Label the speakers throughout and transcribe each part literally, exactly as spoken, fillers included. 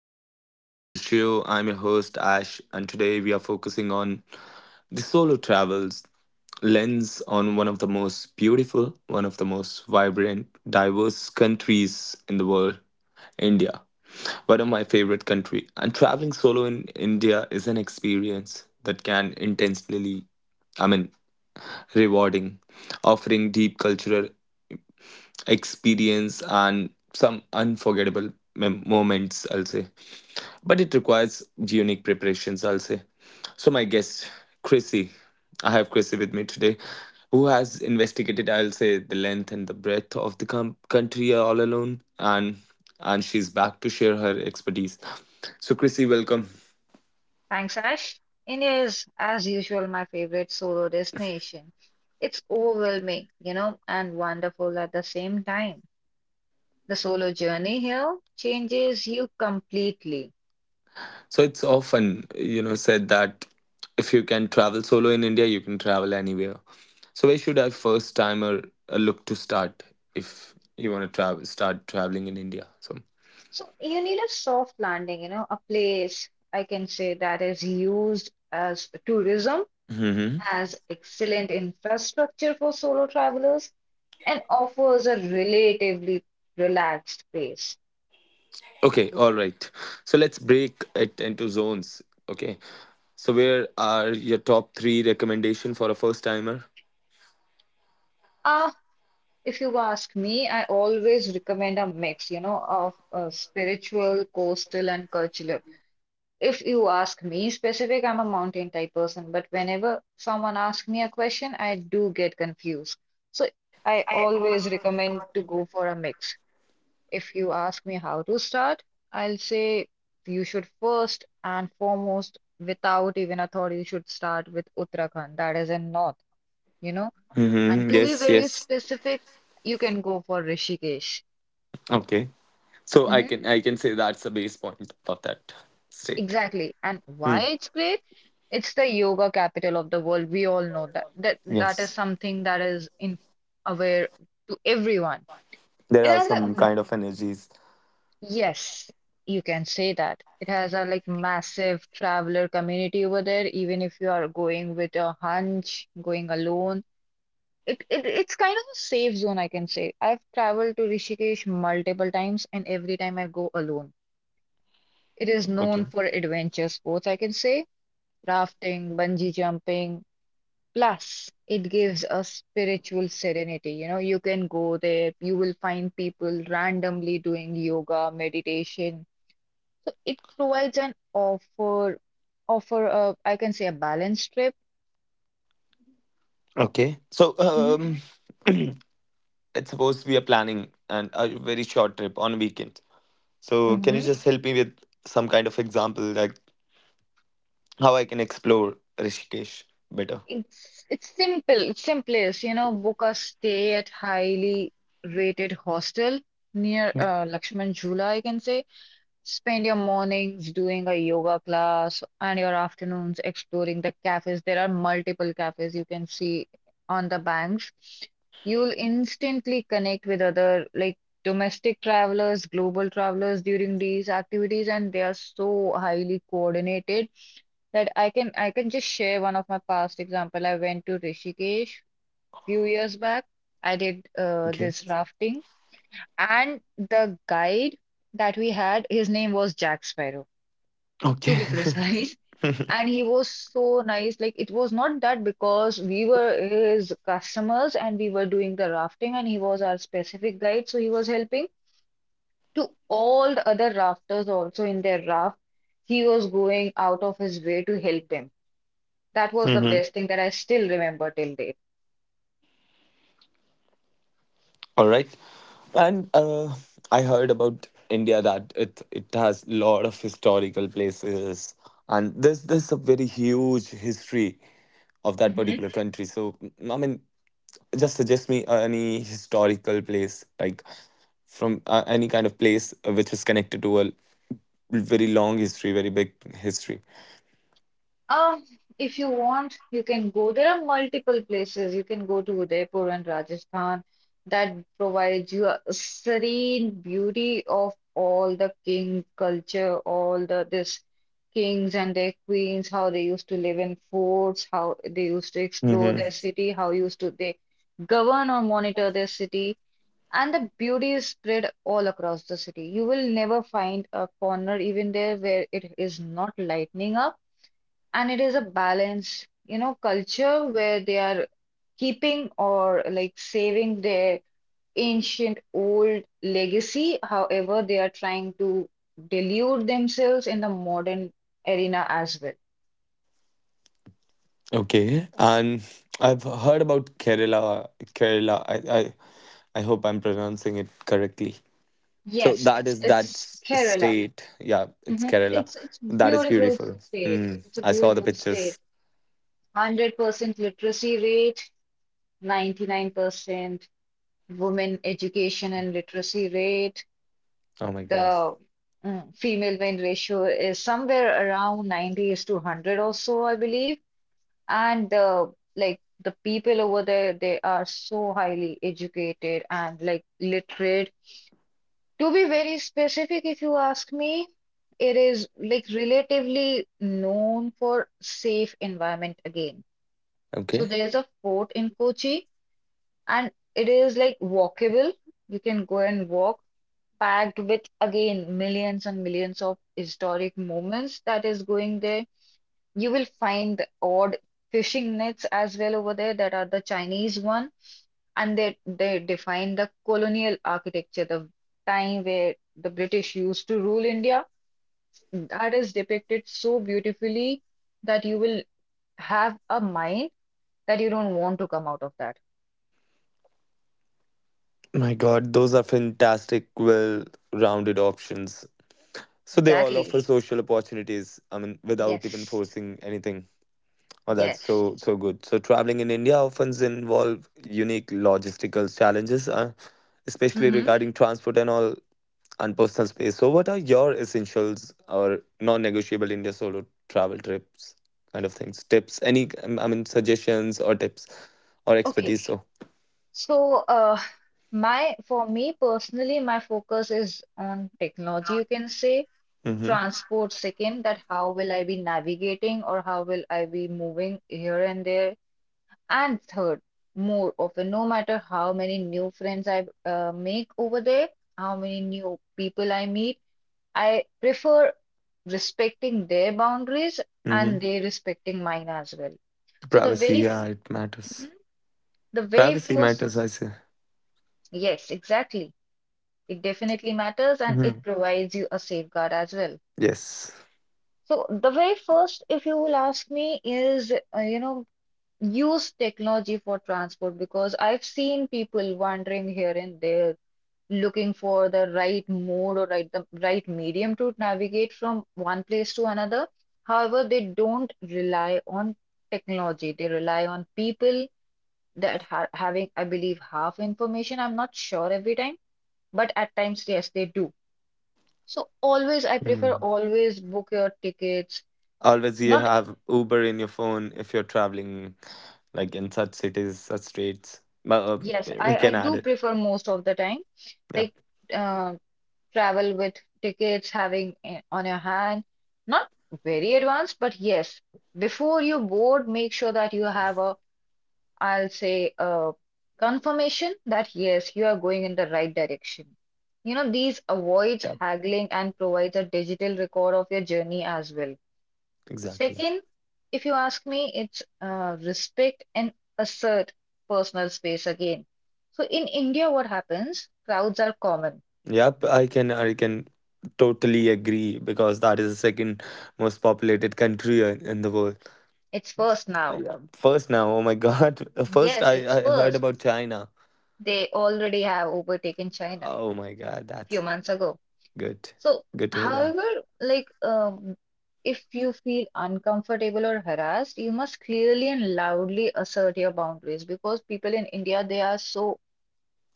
Speaker 1: So, welcome back to the show. I'm your host, Ash, and today we are focusing on the solo travels lens on one of the most beautiful, one of the most vibrant, diverse countries in the world, India. One of my favorite country. And traveling solo in India is an experience that can intentionally, I mean, rewarding, offering deep cultural experience and some unforgettable mem- moments, I'll say, but it requires unique preparations, I'll say. So, my guest, Chrissy, I have Chrissy with me today, who has investigated, I'll say, the length and the breadth of the com- country all alone, and and she's back to share her expertise. So, Chrissy, welcome.
Speaker 2: Thanks, Ash. India is, as usual, my favorite solo destination. It's overwhelming, you know, and wonderful at the same time. The solo journey here changes you completely.
Speaker 1: So, it's often you know said that if you can travel solo in India, you can travel anywhere. So, where should a first timer uh, look to start if you want to travel, start traveling in India?
Speaker 2: So you need a soft landing, you know, a place I can say that is used as tourism,
Speaker 1: So.
Speaker 2: has excellent infrastructure for solo travelers, and offers a relatively relaxed pace.
Speaker 1: Okay, all right. So let's break it into zones. Okay. So where are your top three recommendation for a first timer?
Speaker 2: If you ask me, I always recommend a mix, you know, of uh, spiritual, coastal, and cultural. If you ask me specific, I'm a mountain type person, but whenever someone asks me a question, I do get confused. So I always recommend to go for a mix. If you ask me how to start, I'll say you should first and foremost, without even a thought, you should start with Uttarakhand, that is in north. You know, and
Speaker 1: Mm-hmm.
Speaker 2: to be
Speaker 1: Yes,
Speaker 2: very
Speaker 1: yes.
Speaker 2: specific, you can go for Rishikesh.
Speaker 1: Okay. So I
Speaker 2: hmm
Speaker 1: can I can say that's the base point of that state.
Speaker 2: Exactly. And why
Speaker 1: Hmm.
Speaker 2: it's great? It's the yoga capital of the world. We all know that. That that is
Speaker 1: Yes.
Speaker 2: something that is in aware to everyone.
Speaker 1: There
Speaker 2: It
Speaker 1: are
Speaker 2: has a
Speaker 1: some
Speaker 2: mm,
Speaker 1: kind of energies.
Speaker 2: yes, you can say that. It has a like massive traveler community over there, even if you are going with a hunch, going alone. It, it it's kind of a safe zone, I can say. I've traveled to Rishikesh multiple times, and every time I go alone. It is
Speaker 1: Okay.
Speaker 2: known for adventure sports, I can say, rafting, bungee jumping. Plus, it gives a spiritual serenity. You know, you can go there, you will find people randomly doing yoga, meditation. So it provides an offer, offer a, I can say, a balanced trip.
Speaker 1: Okay. So
Speaker 2: hmm
Speaker 1: um it's supposed to be a planning and a very short trip on a weekend. So can you
Speaker 2: hmm
Speaker 1: just help me with some kind of example like how I can explore Rishikesh better?
Speaker 2: It's it's simple, it's simplest, you know, book a stay at highly rated hostel near uh, Lakshman Jhula, I can say. Spend your mornings doing a yoga class and your afternoons exploring the cafes. There are multiple cafes you can see on the banks. You'll instantly connect with other like domestic travelers, global travelers during these activities, and they are so highly coordinated that I can I can just share one of my past example. I went to Rishikesh few years back. I did uh,
Speaker 1: Okay.
Speaker 2: this rafting and the guide that we had, his name was Jack Sparrow, to
Speaker 1: Okay.
Speaker 2: be precise. And he was so nice. Like, it was not that because we were his customers and we were doing the rafting, and he was our specific guide. So he was helping to all the other rafters also in their raft. He was going out of his way to help them. That was the
Speaker 1: Mhm.
Speaker 2: best thing that I still remember till date.
Speaker 1: All right. And uh, I heard about India that it it has a lot of historical places, and there's there's a very huge history of that particular country. So m- I mean, just suggest me any historical place like from uh, any kind of place uh, which is connected to a very long history, very big history.
Speaker 2: Um, if you want, you can go. There are multiple places. You can go to Udaipur and Rajasthan that provides you a serene beauty of all the king culture, all the this kings and their queens, how they used to live in forts, how they used to explore
Speaker 1: Mm-hmm.
Speaker 2: their city, how used to they govern or monitor their city. And the beauty is spread all across the city. You will never find a corner even there where it is not lightening up, and it is a balanced, you know, culture where they are keeping or like saving their ancient old legacy. However, they are trying to delude themselves in the modern arena as well.
Speaker 1: Okay, and I've heard about Kerala. Kerala, I, I I hope I'm pronouncing it correctly. So
Speaker 2: Yes,
Speaker 1: that
Speaker 2: it's
Speaker 1: is that
Speaker 2: it's
Speaker 1: s-
Speaker 2: Kerala.
Speaker 1: state. Yeah, it's
Speaker 2: Mhm.
Speaker 1: Kerala.
Speaker 2: It's it's
Speaker 1: That is
Speaker 2: beautiful
Speaker 1: beautiful.
Speaker 2: state.
Speaker 1: Hmm.
Speaker 2: It's a
Speaker 1: I saw the
Speaker 2: beautiful state.
Speaker 1: pictures.
Speaker 2: one hundred percent literacy rate, ninety-nine percent women education and literacy rate,
Speaker 1: Oh my God.
Speaker 2: the mm, female win ratio is somewhere around ninety is to one hundred or so, I believe. And the like the people over there, they are so highly educated and like literate. To be very specific, if you ask me, it is like relatively known for safe environment again. So
Speaker 1: Okay.
Speaker 2: there's a fort in Kochi and it is like walkable. You can go and walk packed with again millions and millions of historic moments that is going there. You will find the odd fishing nets as well over there that are the Chinese one, and they they define the colonial architecture, the time where the British used to rule India. That is depicted so beautifully that you will have a mind that you don't want to come out of that.
Speaker 1: My God, those are fantastic, well-rounded options. So they all
Speaker 2: Exactly.
Speaker 1: offer social opportunities. I mean, without even
Speaker 2: Yes.
Speaker 1: forcing anything. Oh, that's
Speaker 2: Yes.
Speaker 1: so so good. So traveling in India often involve unique logistical challenges, uh, especially
Speaker 2: Mm-hmm.
Speaker 1: regarding transport and all. And personal space. So, what are your essentials or non-negotiable India solo travel trips kind of things? Tips? Any? um, I mean, suggestions or tips or
Speaker 2: Okay.
Speaker 1: expertise? So,
Speaker 2: So, uh, my for me personally, my focus is on technology, you can say.
Speaker 1: mm-hmm.
Speaker 2: Transport second, that how will I be navigating or how will I be moving here and there. And third, more often, no matter how many new friends I uh, make over there, how many new people I meet, I prefer respecting their boundaries
Speaker 1: Mm-hmm.
Speaker 2: and they respecting mine as well. So the
Speaker 1: Privacy.
Speaker 2: very,
Speaker 1: Yeah, it matters.
Speaker 2: Mhm. The very
Speaker 1: Privacy
Speaker 2: first,
Speaker 1: matters, I say.
Speaker 2: yes, exactly. It definitely matters and
Speaker 1: Hmm.
Speaker 2: it provides you a safeguard as well.
Speaker 1: Yes.
Speaker 2: So, the very first, if you will ask me, is uh, you know, use technology for transport because I've seen people wandering here and there looking for the right mode or right the right medium to navigate from one place to another. However, they don't rely on technology. They rely on people that are having, I believe, half information. I'm not sure every time, but at times, yes, they do. So always, I prefer
Speaker 1: Mm.
Speaker 2: always book your tickets.
Speaker 1: Always you
Speaker 2: Not,
Speaker 1: have Uber in your phone if you're traveling like in such cities, such states. But uh,
Speaker 2: yes,
Speaker 1: we
Speaker 2: I, I
Speaker 1: can add
Speaker 2: do
Speaker 1: it.
Speaker 2: prefer most of the time,
Speaker 1: Yep.
Speaker 2: like uh, travel with tickets having i- on your hand. Not very advanced, but yes, before you board, make sure that you have a, I'll say, a confirmation that yes, you are going in the right direction. You know, these avoids
Speaker 1: Yep.
Speaker 2: haggling and provides a digital record of your journey as well.
Speaker 1: Exactly.
Speaker 2: Second, if you ask me, it's uh, respect and assert personal space again. So in India, what happens? Crowds are common.
Speaker 1: Yep, I can I can totally agree because that is the second most populated country in in the world.
Speaker 2: It's first now.
Speaker 1: Yeah. First now, oh my God. First
Speaker 2: Yes, it's
Speaker 1: I, I heard
Speaker 2: first.
Speaker 1: about China.
Speaker 2: They already have overtaken China a
Speaker 1: Oh my God,
Speaker 2: few
Speaker 1: that's
Speaker 2: months ago.
Speaker 1: good.
Speaker 2: So,
Speaker 1: Good to hear that.
Speaker 2: however, like um, if you feel uncomfortable or harassed, you must clearly and loudly assert your boundaries because people in India, they are so,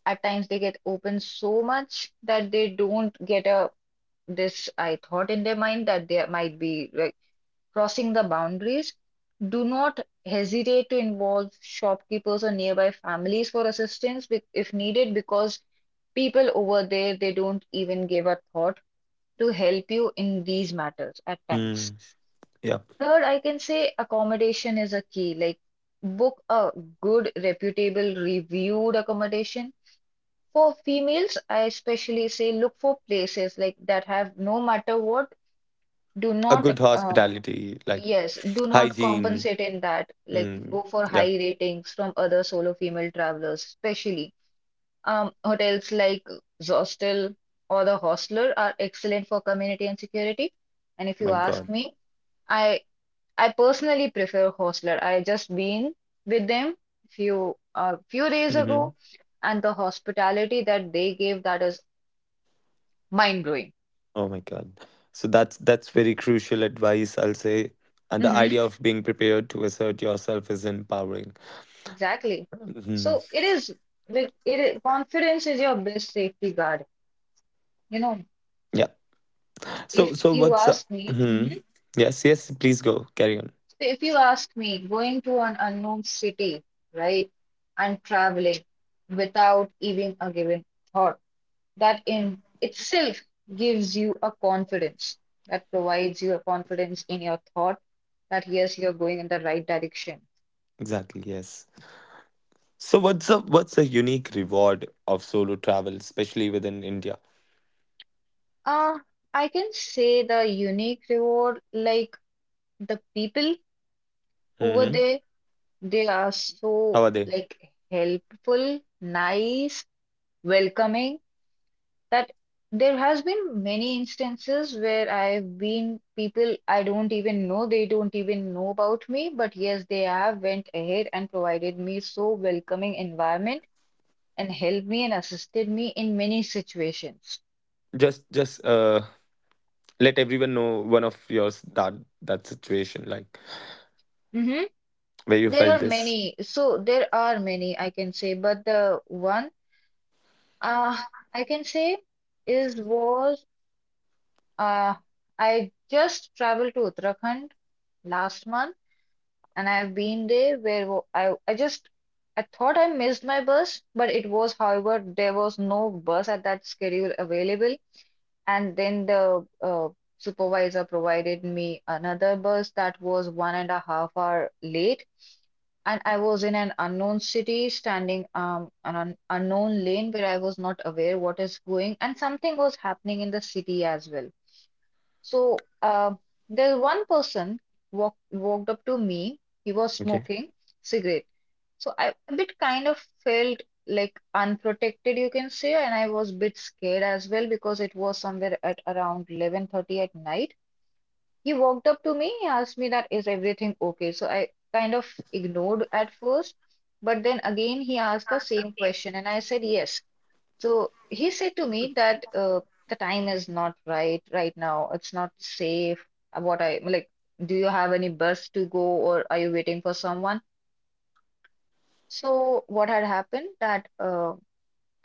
Speaker 2: at times they get open so much that they don't get a this I thought in their mind that there might be like crossing the boundaries. Do not hesitate to involve shopkeepers or nearby families for assistance bec- if needed, because people over there they don't even give a thought to help you in these matters at times.
Speaker 1: Mm, yep.
Speaker 2: Third, I can say accommodation is a key. Like book a good, reputable, reviewed accommodation. For females, I especially say look for places like that have no matter what, do
Speaker 1: A
Speaker 2: not
Speaker 1: good
Speaker 2: um
Speaker 1: hospitality, like
Speaker 2: yes, do not
Speaker 1: hygiene.
Speaker 2: compensate in that, like
Speaker 1: Mm,
Speaker 2: go for
Speaker 1: yep.
Speaker 2: high ratings from other solo female travelers, especially um hotels like Zostel or the Hostler are excellent for community and security. And if you
Speaker 1: My
Speaker 2: ask
Speaker 1: God.
Speaker 2: me, I I personally prefer Hostler. I just been with them few uh, few days ago,
Speaker 1: Hmm.
Speaker 2: and the hospitality that they gave, that is mind
Speaker 1: Oh my God. So that's that's very crucial advice, I'll say. And the
Speaker 2: blowing.
Speaker 1: idea of being prepared to assert yourself is empowering.
Speaker 2: Exactly.
Speaker 1: Mhm.
Speaker 2: So it is like it is, confidence is your best safety guard. You know,
Speaker 1: Yeah. So,
Speaker 2: if
Speaker 1: so
Speaker 2: you
Speaker 1: what's up?
Speaker 2: ask me,
Speaker 1: Hmm.
Speaker 2: Mhm.
Speaker 1: Yes, yes. Please go. Carry on.
Speaker 2: So if you ask me, going to an unknown city, right, and traveling without even a given thought, that in itself gives you a confidence. That provides you a confidence in your thought that yes, you're going in the right direction.
Speaker 1: Exactly. Yes. So, what's up? What's the unique reward of solo travel, especially within India?
Speaker 2: Uh, I can say the unique reward, like the people over
Speaker 1: Hmm.
Speaker 2: there, they are so
Speaker 1: How are they?
Speaker 2: like helpful, nice, welcoming, that there has been many instances where I've been people I don't even know, they don't even know about me, but yes, they have went ahead and provided me so welcoming environment and helped me and assisted me in many situations.
Speaker 1: Just, just uh, let everyone know one of yours, that that situation, like
Speaker 2: hmm
Speaker 1: where you
Speaker 2: There
Speaker 1: felt
Speaker 2: are
Speaker 1: this.
Speaker 2: many, so there are many I can say, but the one uh, I can say is was, Uh, I just traveled to Uttarakhand last month, and I've been there where wo- I, I just I thought I missed my bus, but it was, however, there was no bus at that schedule available. And then the uh, supervisor provided me another bus that was one and a half hour late. And I was in an unknown city, standing um on an unknown lane where I was not aware what is going, and something was happening in the city as well. So uh, there's one person walk, walked up to me. He was
Speaker 1: Okay.
Speaker 2: smoking cigarette. So I a bit kind of felt like unprotected, you can say, and I was a bit scared as well because it was somewhere at around eleven thirty at night. He walked up to me. He asked me that is everything okay? So I kind of ignored at first, but then again he asked the same question, and I said yes. So he said to me that uh, the time is not right right now. It's not safe. Uh, What I like, do you have any bus to go, or are you waiting for someone? So what had happened that uh,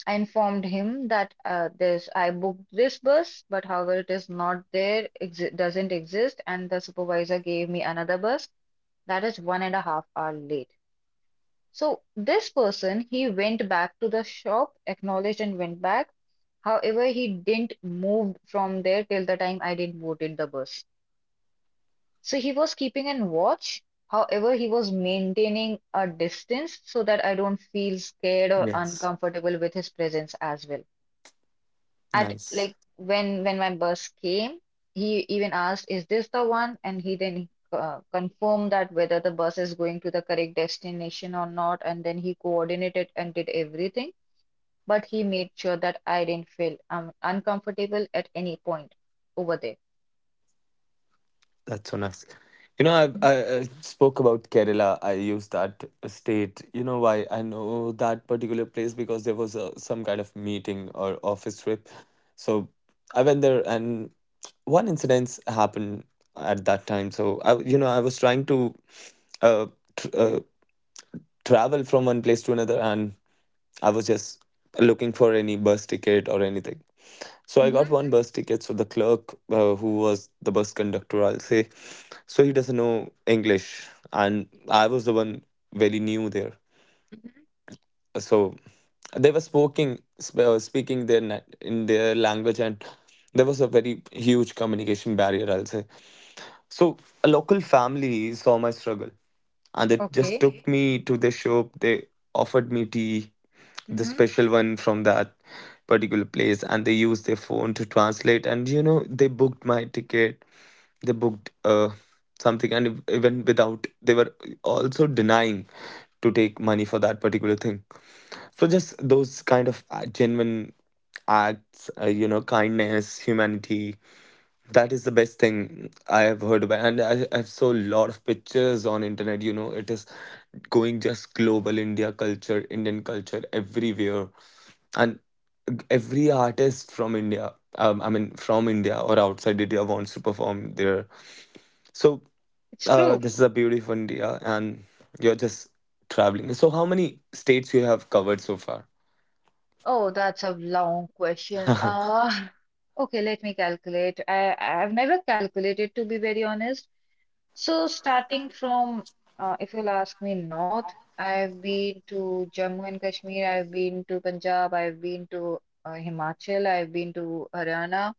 Speaker 2: I informed him that uh, this I booked this bus, but however it is not there, exi doesn't exist, and the supervisor gave me another bus that is one and a half hour late. So this person he went back to the shop, acknowledged and went back. However, he didn't move from there till the time I didn't boarded the bus. So he was keeping an watch. However, he was maintaining a distance so that I don't feel scared or
Speaker 1: Yes.
Speaker 2: uncomfortable with his presence as well. At
Speaker 1: Nice.
Speaker 2: like when when my bus came, he even asked, "Is this the one?" And he then uh, confirmed that whether the bus is going to the correct destination or not, and then he coordinated and did everything. But he made sure that I didn't feel um, uncomfortable at any point over there.
Speaker 1: That's so nice. You know, I've, I, I spoke about Kerala. I used that state. You know why I know that particular place? Because there was a, some kind of meeting or office trip. So I went there, and one incident happened at that time. So I, you know, I was trying to uh, tr uh, travel from one place to another, and I was just looking for any bus ticket or anything. So I
Speaker 2: Mm-hmm.
Speaker 1: got one bus ticket. So the clerk, uh, who was the bus conductor, I'll say, so he doesn't know English, and I was the one very new there.
Speaker 2: Mm-hmm.
Speaker 1: So they were speaking sp- uh, speaking their na- in their language, and there was a very huge communication barrier, I'll say. So a local family saw my struggle and it just
Speaker 2: Okay.
Speaker 1: took, Okay. me to the shop. They offered me tea, the
Speaker 2: Mm-hmm.
Speaker 1: special one from that particular place, and they used their phone to translate. And you know, they booked my ticket. They booked uh something, and ev- even without, they were also denying to take money for that particular thing. So just those kind of uh, genuine acts, uh, you know, kindness, humanity, that is the best thing I have heard about, and I, I saw a lot of pictures on internet. You know, it is going just global, India culture, Indian culture everywhere, and every artist from India, um, I mean from India or outside India, wants to perform there. So
Speaker 2: It's
Speaker 1: uh,
Speaker 2: true.
Speaker 1: this is a beautiful India, and you're just traveling. So how many states you have covered so far?
Speaker 2: Oh, that's a long question. Uh, okay, let me calculate. I I've never calculated to be very honest. So starting from uh, if you'll ask me north, I've been to Jammu and Kashmir, I've been to Punjab, I've been to uh, Himachal, I've been to Haryana.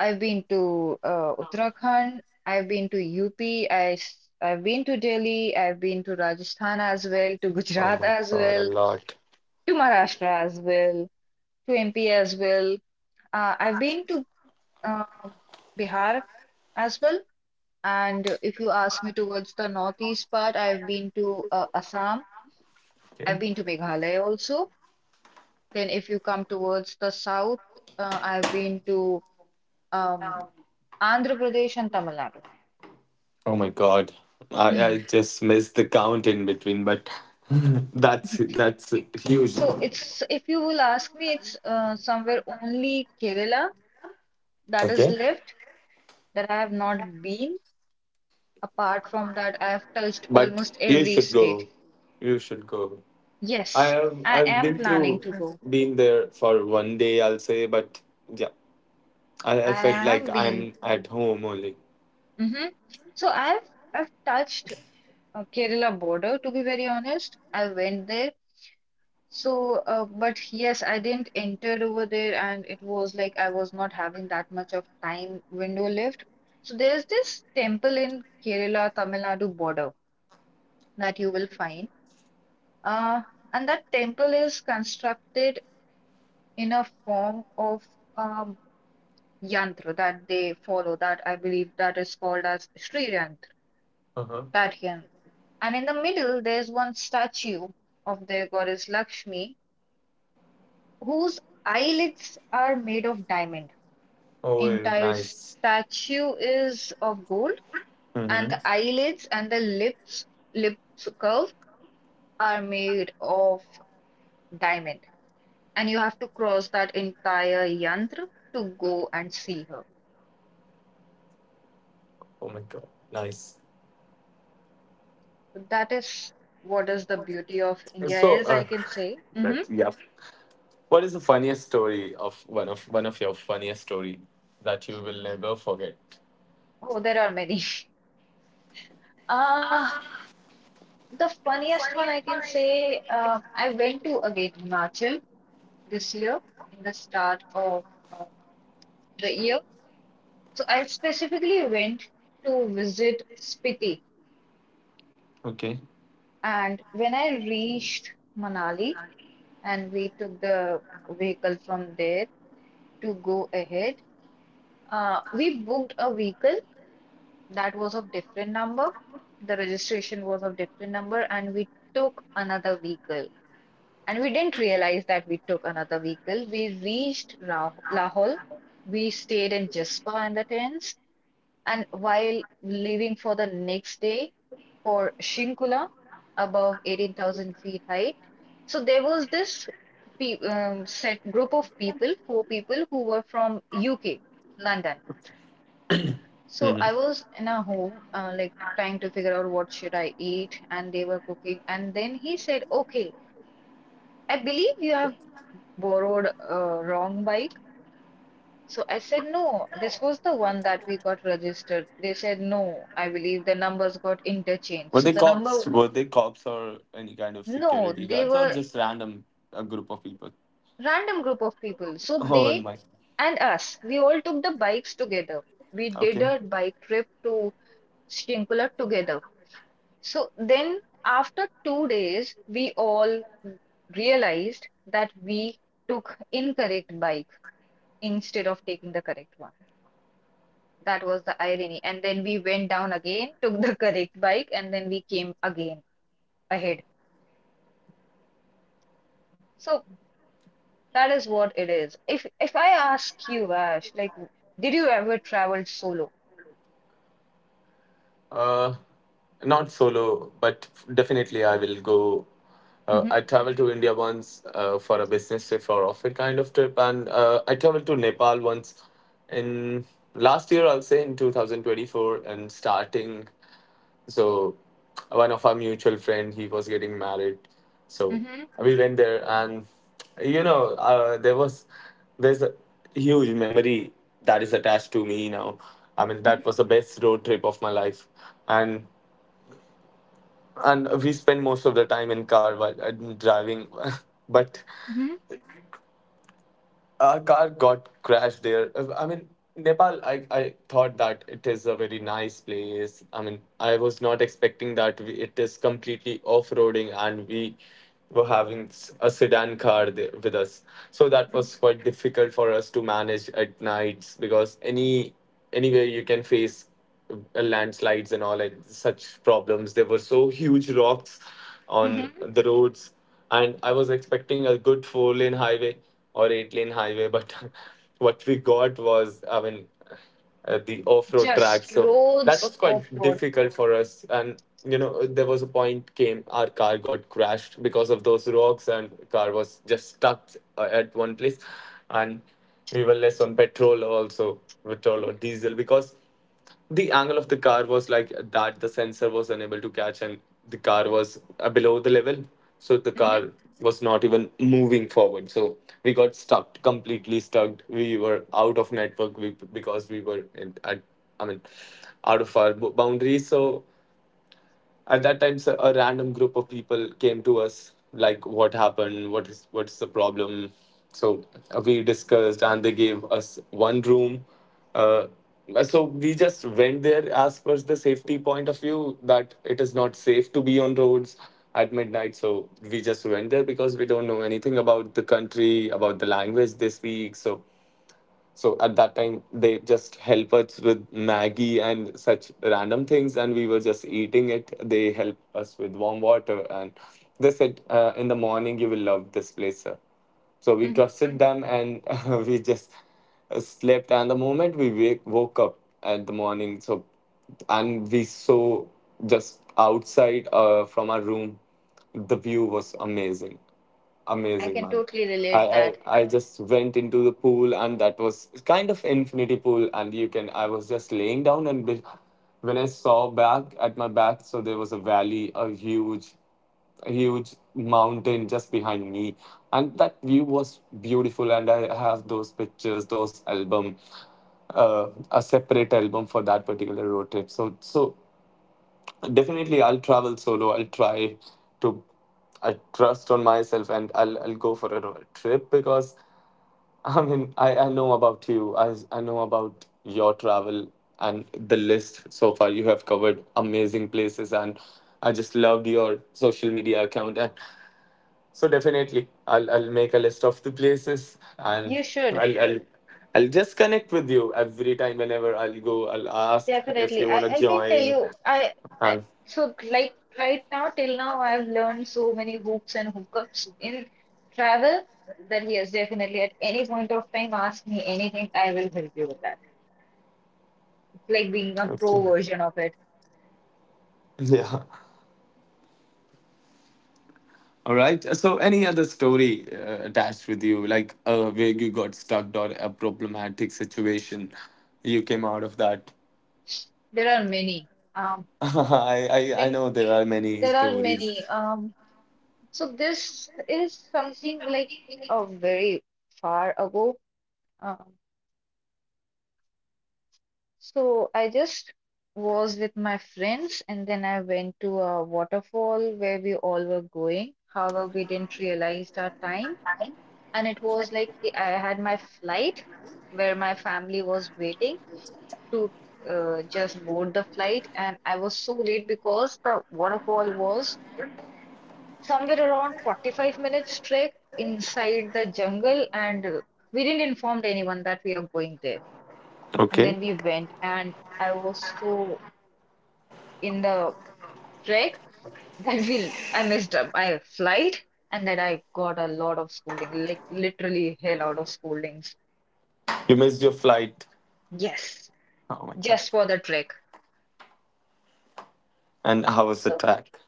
Speaker 2: I've been to uh, Uttarakhand. I've been to U P. I, s- I've been to Delhi. I've been to Rajasthan as well, to Gujarat as
Speaker 1: A
Speaker 2: well,
Speaker 1: lot.
Speaker 2: to Maharashtra as well, to M P as well. Uh, I've been to um Bihar as well. And if you ask me towards the northeast part, I've been to uh, Assam. I've been to Meghalaya also. Then if you come towards the south, uh, I've been to um, Andhra Pradesh and Tamil Nadu.
Speaker 1: Oh my God. I, I just missed the count in between, but that's that's huge.
Speaker 2: So it's if you will ask me, it's uh, somewhere only Kerala that is
Speaker 1: Okay.
Speaker 2: left that I have not been. Apart from that, I have touched
Speaker 1: But
Speaker 2: almost
Speaker 1: you
Speaker 2: every
Speaker 1: should
Speaker 2: state.
Speaker 1: go. You should go. I
Speaker 2: Yes,
Speaker 1: have
Speaker 2: I
Speaker 1: I've
Speaker 2: am
Speaker 1: been
Speaker 2: planning
Speaker 1: through
Speaker 2: to go.
Speaker 1: been there for one day, I'll say, but yeah. I, I
Speaker 2: I
Speaker 1: felt like
Speaker 2: have been.
Speaker 1: I'm at home only.
Speaker 2: Hmm. So I've I've touched uh, Kerala border to be very honest. I went there. So, uh, but yes, I didn't enter over there, and it was like I was not having that much of time window left. So, there's this temple in Kerala, Tamil Nadu border that you will find. Uh, and that temple is constructed in a form of um, yantra that they follow, that I believe that is called as Sri Yantra,
Speaker 1: Uh-huh.
Speaker 2: that yantra. And in the middle, there's one statue of the goddess Lakshmi, whose eyelids are made of diamond.
Speaker 1: Oh yeah,
Speaker 2: Entire
Speaker 1: nice.
Speaker 2: statue is of gold, and
Speaker 1: Mm-hmm.
Speaker 2: the eyelids and the lips lips curve are made of diamond. And you have to cross that entire yantra to go and see her.
Speaker 1: Oh my God, nice.
Speaker 2: So that is what is the beauty of India
Speaker 1: So
Speaker 2: is,
Speaker 1: uh
Speaker 2: I can say. Hmm.
Speaker 1: but yeah. What is the funniest story of one of one of your funniest story that you will never forget?
Speaker 2: Oh, there are many. Uh, the funniest one I can say, uh, I went to again Himachal this year in the start of uh, the year. So I specifically went to visit Spiti,
Speaker 1: Okay.
Speaker 2: and when I reached Manali and we took the vehicle from there to go ahead, uh, we booked a vehicle that was of different number. The registration was of different number, and we took another vehicle. And we didn't realize that we took another vehicle. We reached Rah Lahore. We stayed in Jaspa in the tents, and while leaving for the next day, for Shinkula above eighteen thousand feet height. So there was this pe um, set group of people, four people who were from U K, London. So
Speaker 1: Hmm.
Speaker 2: I was in a home, uh, like trying to figure out what should I eat, and they were cooking. And then he said, "Okay, I believe you have borrowed a wrong bike." So I said, "No, this was the one that we got registered." They said, "No, I believe the numbers got interchanged."
Speaker 1: Were
Speaker 2: So
Speaker 1: they
Speaker 2: the
Speaker 1: cops?
Speaker 2: number,
Speaker 1: Were they cops or any kind of
Speaker 2: no,
Speaker 1: security
Speaker 2: they
Speaker 1: guards or
Speaker 2: were
Speaker 1: just random, a group of people?
Speaker 2: random group of people. So
Speaker 1: Oh, and
Speaker 2: they
Speaker 1: my.
Speaker 2: and us, we all took the bikes together. We did
Speaker 1: Okay.
Speaker 2: a bike trip to Shrinkula together. So then after two days, we all realized that we took incorrect bike instead of taking the correct one. That was the irony. And then we went down again, took the correct bike, and then we came again ahead. So that is what it is. If if I ask you, Ash, like, did you ever travel solo?
Speaker 1: Uh, not solo, but definitely I will go. Uh, I traveled to India once uh, for a business trip or off it kind of trip, and uh, I traveled to Nepal once in last year, I'll say, in twenty twenty-four, and starting. So one of our mutual friend he was getting married, so
Speaker 2: Mm-hmm,
Speaker 1: we went there and you know uh, there was, there's a huge memory that is attached to me now. I mean, that
Speaker 2: mm-hmm,
Speaker 1: was the best road trip of my life, and and we spent most of the time in car while uh, driving. But
Speaker 2: mm-hmm,
Speaker 1: our car got crashed there. Uh, I mean, Nepal, I, I thought that it is a very nice place. I mean, I was not expecting that we, it is completely off roading and we were having s- a sedan car there with us. So that
Speaker 2: mm-hmm,
Speaker 1: was quite difficult for us to manage at nights because any anywhere you can face uh, landslides and all like such problems. There were so huge rocks on
Speaker 2: mm-hmm.
Speaker 1: the roads, and I was expecting a good four lane highway or eight lane highway, but what we got was, I mean uh, the off road track.
Speaker 2: Just
Speaker 1: So that
Speaker 2: roads
Speaker 1: was
Speaker 2: of
Speaker 1: quite
Speaker 2: road.
Speaker 1: difficult for us, and you know there was a point came, our car got crashed because of those rocks, and car was just stuck uh, at one place, and we were less on petrol also, petrol or
Speaker 2: Mm-hmm,
Speaker 1: diesel because the angle of the car was like that the sensor was unable to catch, and the car was uh, below the level so the
Speaker 2: mm-hmm,
Speaker 1: car was not even moving forward. So we got stuck, completely stuck. We were out of network, we, because we were in, at, I mean, out of our bo- boundaries. So at that time, so- a random group of people came to us, like what happened, what is what's the problem. So uh, we discussed and they gave us one room. uh, so we just went there as per the safety point of view that it is not safe to be on roads at midnight, so we just went there because we don't know anything about the country, about the language they speak. So so at that time, they just help us with Maggie and such random things, and we were just eating it. They help us with warm water, and they said, uh, "In the morning, you will love this place, sir." So we
Speaker 2: hmm.
Speaker 1: trusted them and we just slept. And the moment we wake, woke up at the morning, so and we saw just outside uh, from our room, the view was amazing,
Speaker 2: I
Speaker 1: amazing,
Speaker 2: can
Speaker 1: man.
Speaker 2: totally
Speaker 1: I,
Speaker 2: relate that.
Speaker 1: I I just went into the pool and that was kind of infinity pool, and you can I was just laying down, and when I saw back at my back, so there was a valley, a huge huge mountain just behind me, and that view was beautiful, and I have those pictures, those album, uh, a separate album for that particular road trip. So so definitely I'll travel solo, I'll try to. I trust on myself and i'll, I'll go for a road trip, because I mean i, I know about you, I, I know about your travel and the list so far. You have covered amazing places, and I just loved your social media account, and. So definitely, I'll I'll make a list of the places, and
Speaker 2: You should
Speaker 1: I'll I'll I'll just connect with you every time whenever I'll go. I'll ask if
Speaker 2: definitely.
Speaker 1: you wanna
Speaker 2: I, I can tell
Speaker 1: join.
Speaker 2: you. I, I
Speaker 1: And
Speaker 2: so like right now till now I've learned so many hooks and hookups in travel that yes, definitely at any point of time ask me anything. I will help you with that. It's like being a
Speaker 1: okay,
Speaker 2: pro version of it.
Speaker 1: yeah. All right. So any other story uh, attached with you, like uh, where you got stuck or a problematic situation, you came out of that.
Speaker 2: There are many. Um,
Speaker 1: I, I I
Speaker 2: like
Speaker 1: know there are many
Speaker 2: there are
Speaker 1: stories.
Speaker 2: many. Um. So this is something like a very far ago. Um, so I just was with my friends and then I went to a waterfall where we all were going. However, we didn't realize our time. And it was like I had my flight where my family was waiting to uh, just board the flight. And I was so late because the waterfall was somewhere around forty-five minutes trek inside the jungle and uh, we didn't inform anyone that we are going there and then
Speaker 1: Okay,
Speaker 2: we went and I was so in the trek that we I missed up my flight and then I got a lot of scolding like literally hell out of scoldings.
Speaker 1: you missed your flight.
Speaker 2: Yes,
Speaker 1: Oh my
Speaker 2: just
Speaker 1: gosh.
Speaker 2: for the trek.
Speaker 1: And how was the
Speaker 2: So
Speaker 1: track?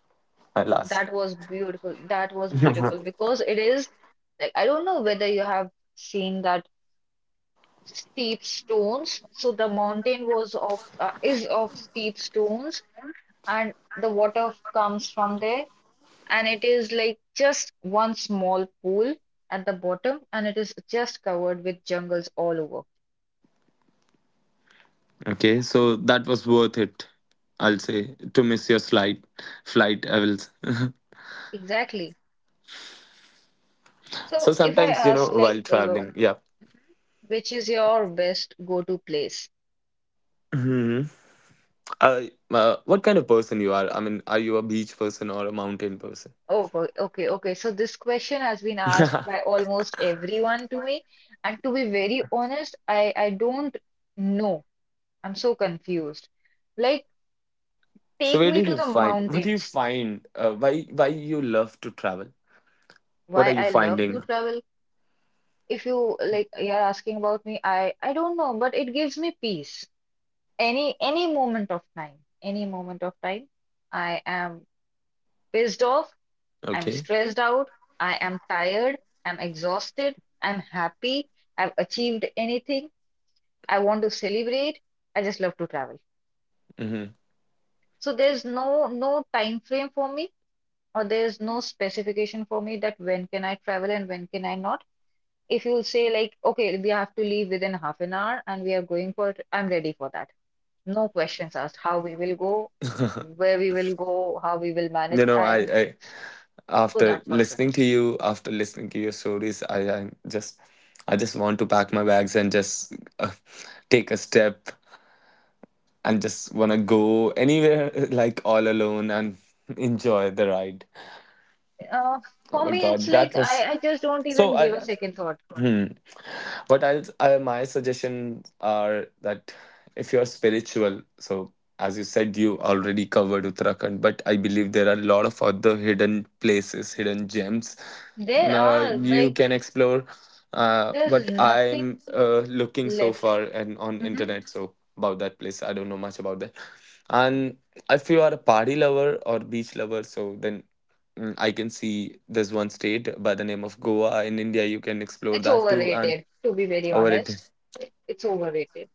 Speaker 1: I'll ask.
Speaker 2: that was beautiful. That was beautiful because it is like I don't know whether you have seen that steep stones. So the mountain was of uh, is of steep stones, and the water comes from there. And it is like just one small pool at the bottom, and it is just covered with jungles all over.
Speaker 1: Okay, so that was worth it, I'll say, to miss your flight, flight. I will. s-
Speaker 2: Exactly.
Speaker 1: so
Speaker 2: So if I
Speaker 1: sometimes, you know,
Speaker 2: ask
Speaker 1: while
Speaker 2: like, uh,
Speaker 1: traveling, yeah.
Speaker 2: which is your best go-to place?
Speaker 1: Hmm. Uh, uh, what kind of person you are? I mean, are you a beach person or a mountain person?
Speaker 2: Oh, go- okay, okay. So this question has been asked by almost everyone to me, and to be very honest, I I don't know. I'm so confused. Like,
Speaker 1: So
Speaker 2: take
Speaker 1: where
Speaker 2: me
Speaker 1: did
Speaker 2: to
Speaker 1: you
Speaker 2: the
Speaker 1: find? What do you
Speaker 2: mountains.
Speaker 1: find? Uh, why why you love to travel? What
Speaker 2: Why
Speaker 1: are you
Speaker 2: I love to
Speaker 1: finding?
Speaker 2: travel. If you like, you're asking about me, I I don't know, but it gives me peace. Any any moment of time, any moment of time, I am pissed off. I'm
Speaker 1: Okay.
Speaker 2: stressed out. I am tired. I'm exhausted. I'm happy. I've achieved anything. I want to celebrate. I just love to travel.
Speaker 1: Hmm.
Speaker 2: So there's no no time frame for me, or there's no specification for me that when can I travel and when can I not. If you'll say like, okay, we have to leave within half an hour and we are going for it, I'm ready for that. No questions asked, how we will go, where we will go, how we will manage.
Speaker 1: You know,
Speaker 2: I
Speaker 1: I,
Speaker 2: am
Speaker 1: I,
Speaker 2: for
Speaker 1: after
Speaker 2: that person.
Speaker 1: listening to you after listening to your stories, i i just I just want to pack my bags and just uh, take a step and just want to go anywhere, like all alone and enjoy the ride.
Speaker 2: Uh,
Speaker 1: Oh
Speaker 2: for
Speaker 1: my
Speaker 2: me, it's
Speaker 1: God, that
Speaker 2: like
Speaker 1: was
Speaker 2: I, I just don't
Speaker 1: so.
Speaker 2: even
Speaker 1: I
Speaker 2: give a second thought.
Speaker 1: hmm. But I'll, uh, my suggestions are that if you're spiritual, so as you said, you already covered Uttarakhand, but I believe there are a lot of other hidden places, hidden gems
Speaker 2: There
Speaker 1: uh,
Speaker 2: are
Speaker 1: you
Speaker 2: like
Speaker 1: can explore. Uh,
Speaker 2: there's
Speaker 1: what
Speaker 2: nothing
Speaker 1: I'm uh, looking so
Speaker 2: left.
Speaker 1: far and on
Speaker 2: Hmm.
Speaker 1: internet, so about that place, I don't know much about that. And if you are a party lover or beach lover, so then mm, I can see there's one state by the name of Goa in India. You can explore
Speaker 2: It's
Speaker 1: that too, and.
Speaker 2: overrated, to be very
Speaker 1: Oh, well, it did.
Speaker 2: honest. It's overrated.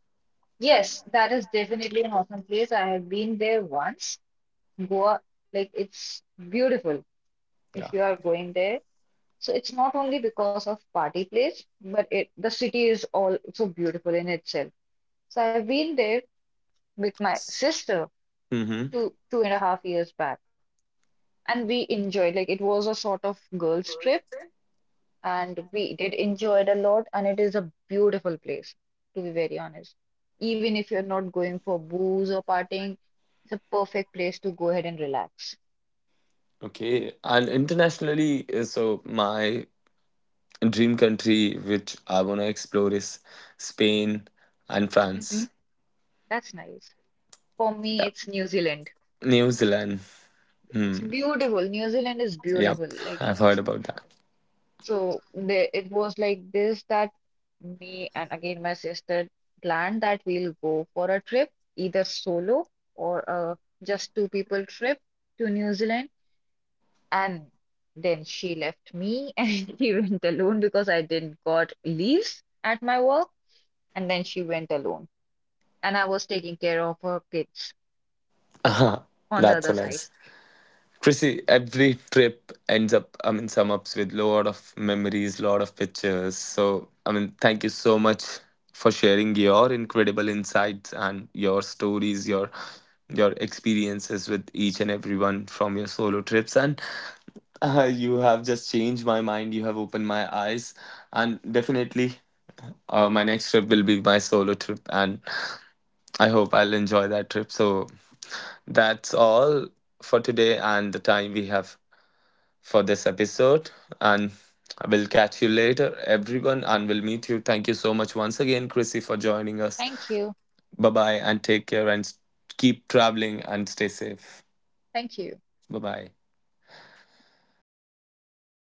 Speaker 2: Yes, that is definitely an awesome place. I have been there once. Goa, like it's beautiful if
Speaker 1: Yeah.
Speaker 2: you are going there. So it's not only because of party place, but it the city is also beautiful in itself. So I've been there with my sister
Speaker 1: Hmm.
Speaker 2: two two and a half years back, and we enjoyed like it was a sort of girls' trip. And we did enjoy it a lot and it is a beautiful place, to be very honest. Even if you're not going for booze or partying, it's a perfect place to go ahead and relax.
Speaker 1: Okay. And internationally, uh, so my dream country, which I want to explore, is Spain and
Speaker 2: Hmm.
Speaker 1: France.
Speaker 2: That's nice. For me,
Speaker 1: Yep.
Speaker 2: it's New Zealand.
Speaker 1: New Zealand.
Speaker 2: It's
Speaker 1: Hmm.
Speaker 2: beautiful. New Zealand is
Speaker 1: Yep.
Speaker 2: beautiful. Like,
Speaker 1: I've heard about that.
Speaker 2: so there it was like this that me and again my sister planned that we'll go for a trip, either solo or a just two people trip, to New Zealand. And then she left me and she went alone because I didn't got leaves at my work. And then she went alone. And I was taking care of her kids on the
Speaker 1: That's
Speaker 2: other
Speaker 1: so
Speaker 2: side.
Speaker 1: nice. Chrissy, every trip ends up, I mean, sum ups with lot of memories, lot of pictures. So, I mean, thank you so much for sharing your incredible insights and your stories, your your experiences with each and everyone from your solo trips. And uh, you have just changed my mind. You have opened my eyes, and definitely, uh, my next trip will be my solo trip, and I hope I'll enjoy that trip. So that's all for today and the time we have for this episode. And I will catch you later, everyone, and we'll meet you. Thank you so much once again, Chrissy, for joining us.
Speaker 2: Thank you.
Speaker 1: Bye bye, and take care, and keep traveling and stay safe.
Speaker 2: Thank you.
Speaker 1: Bye bye.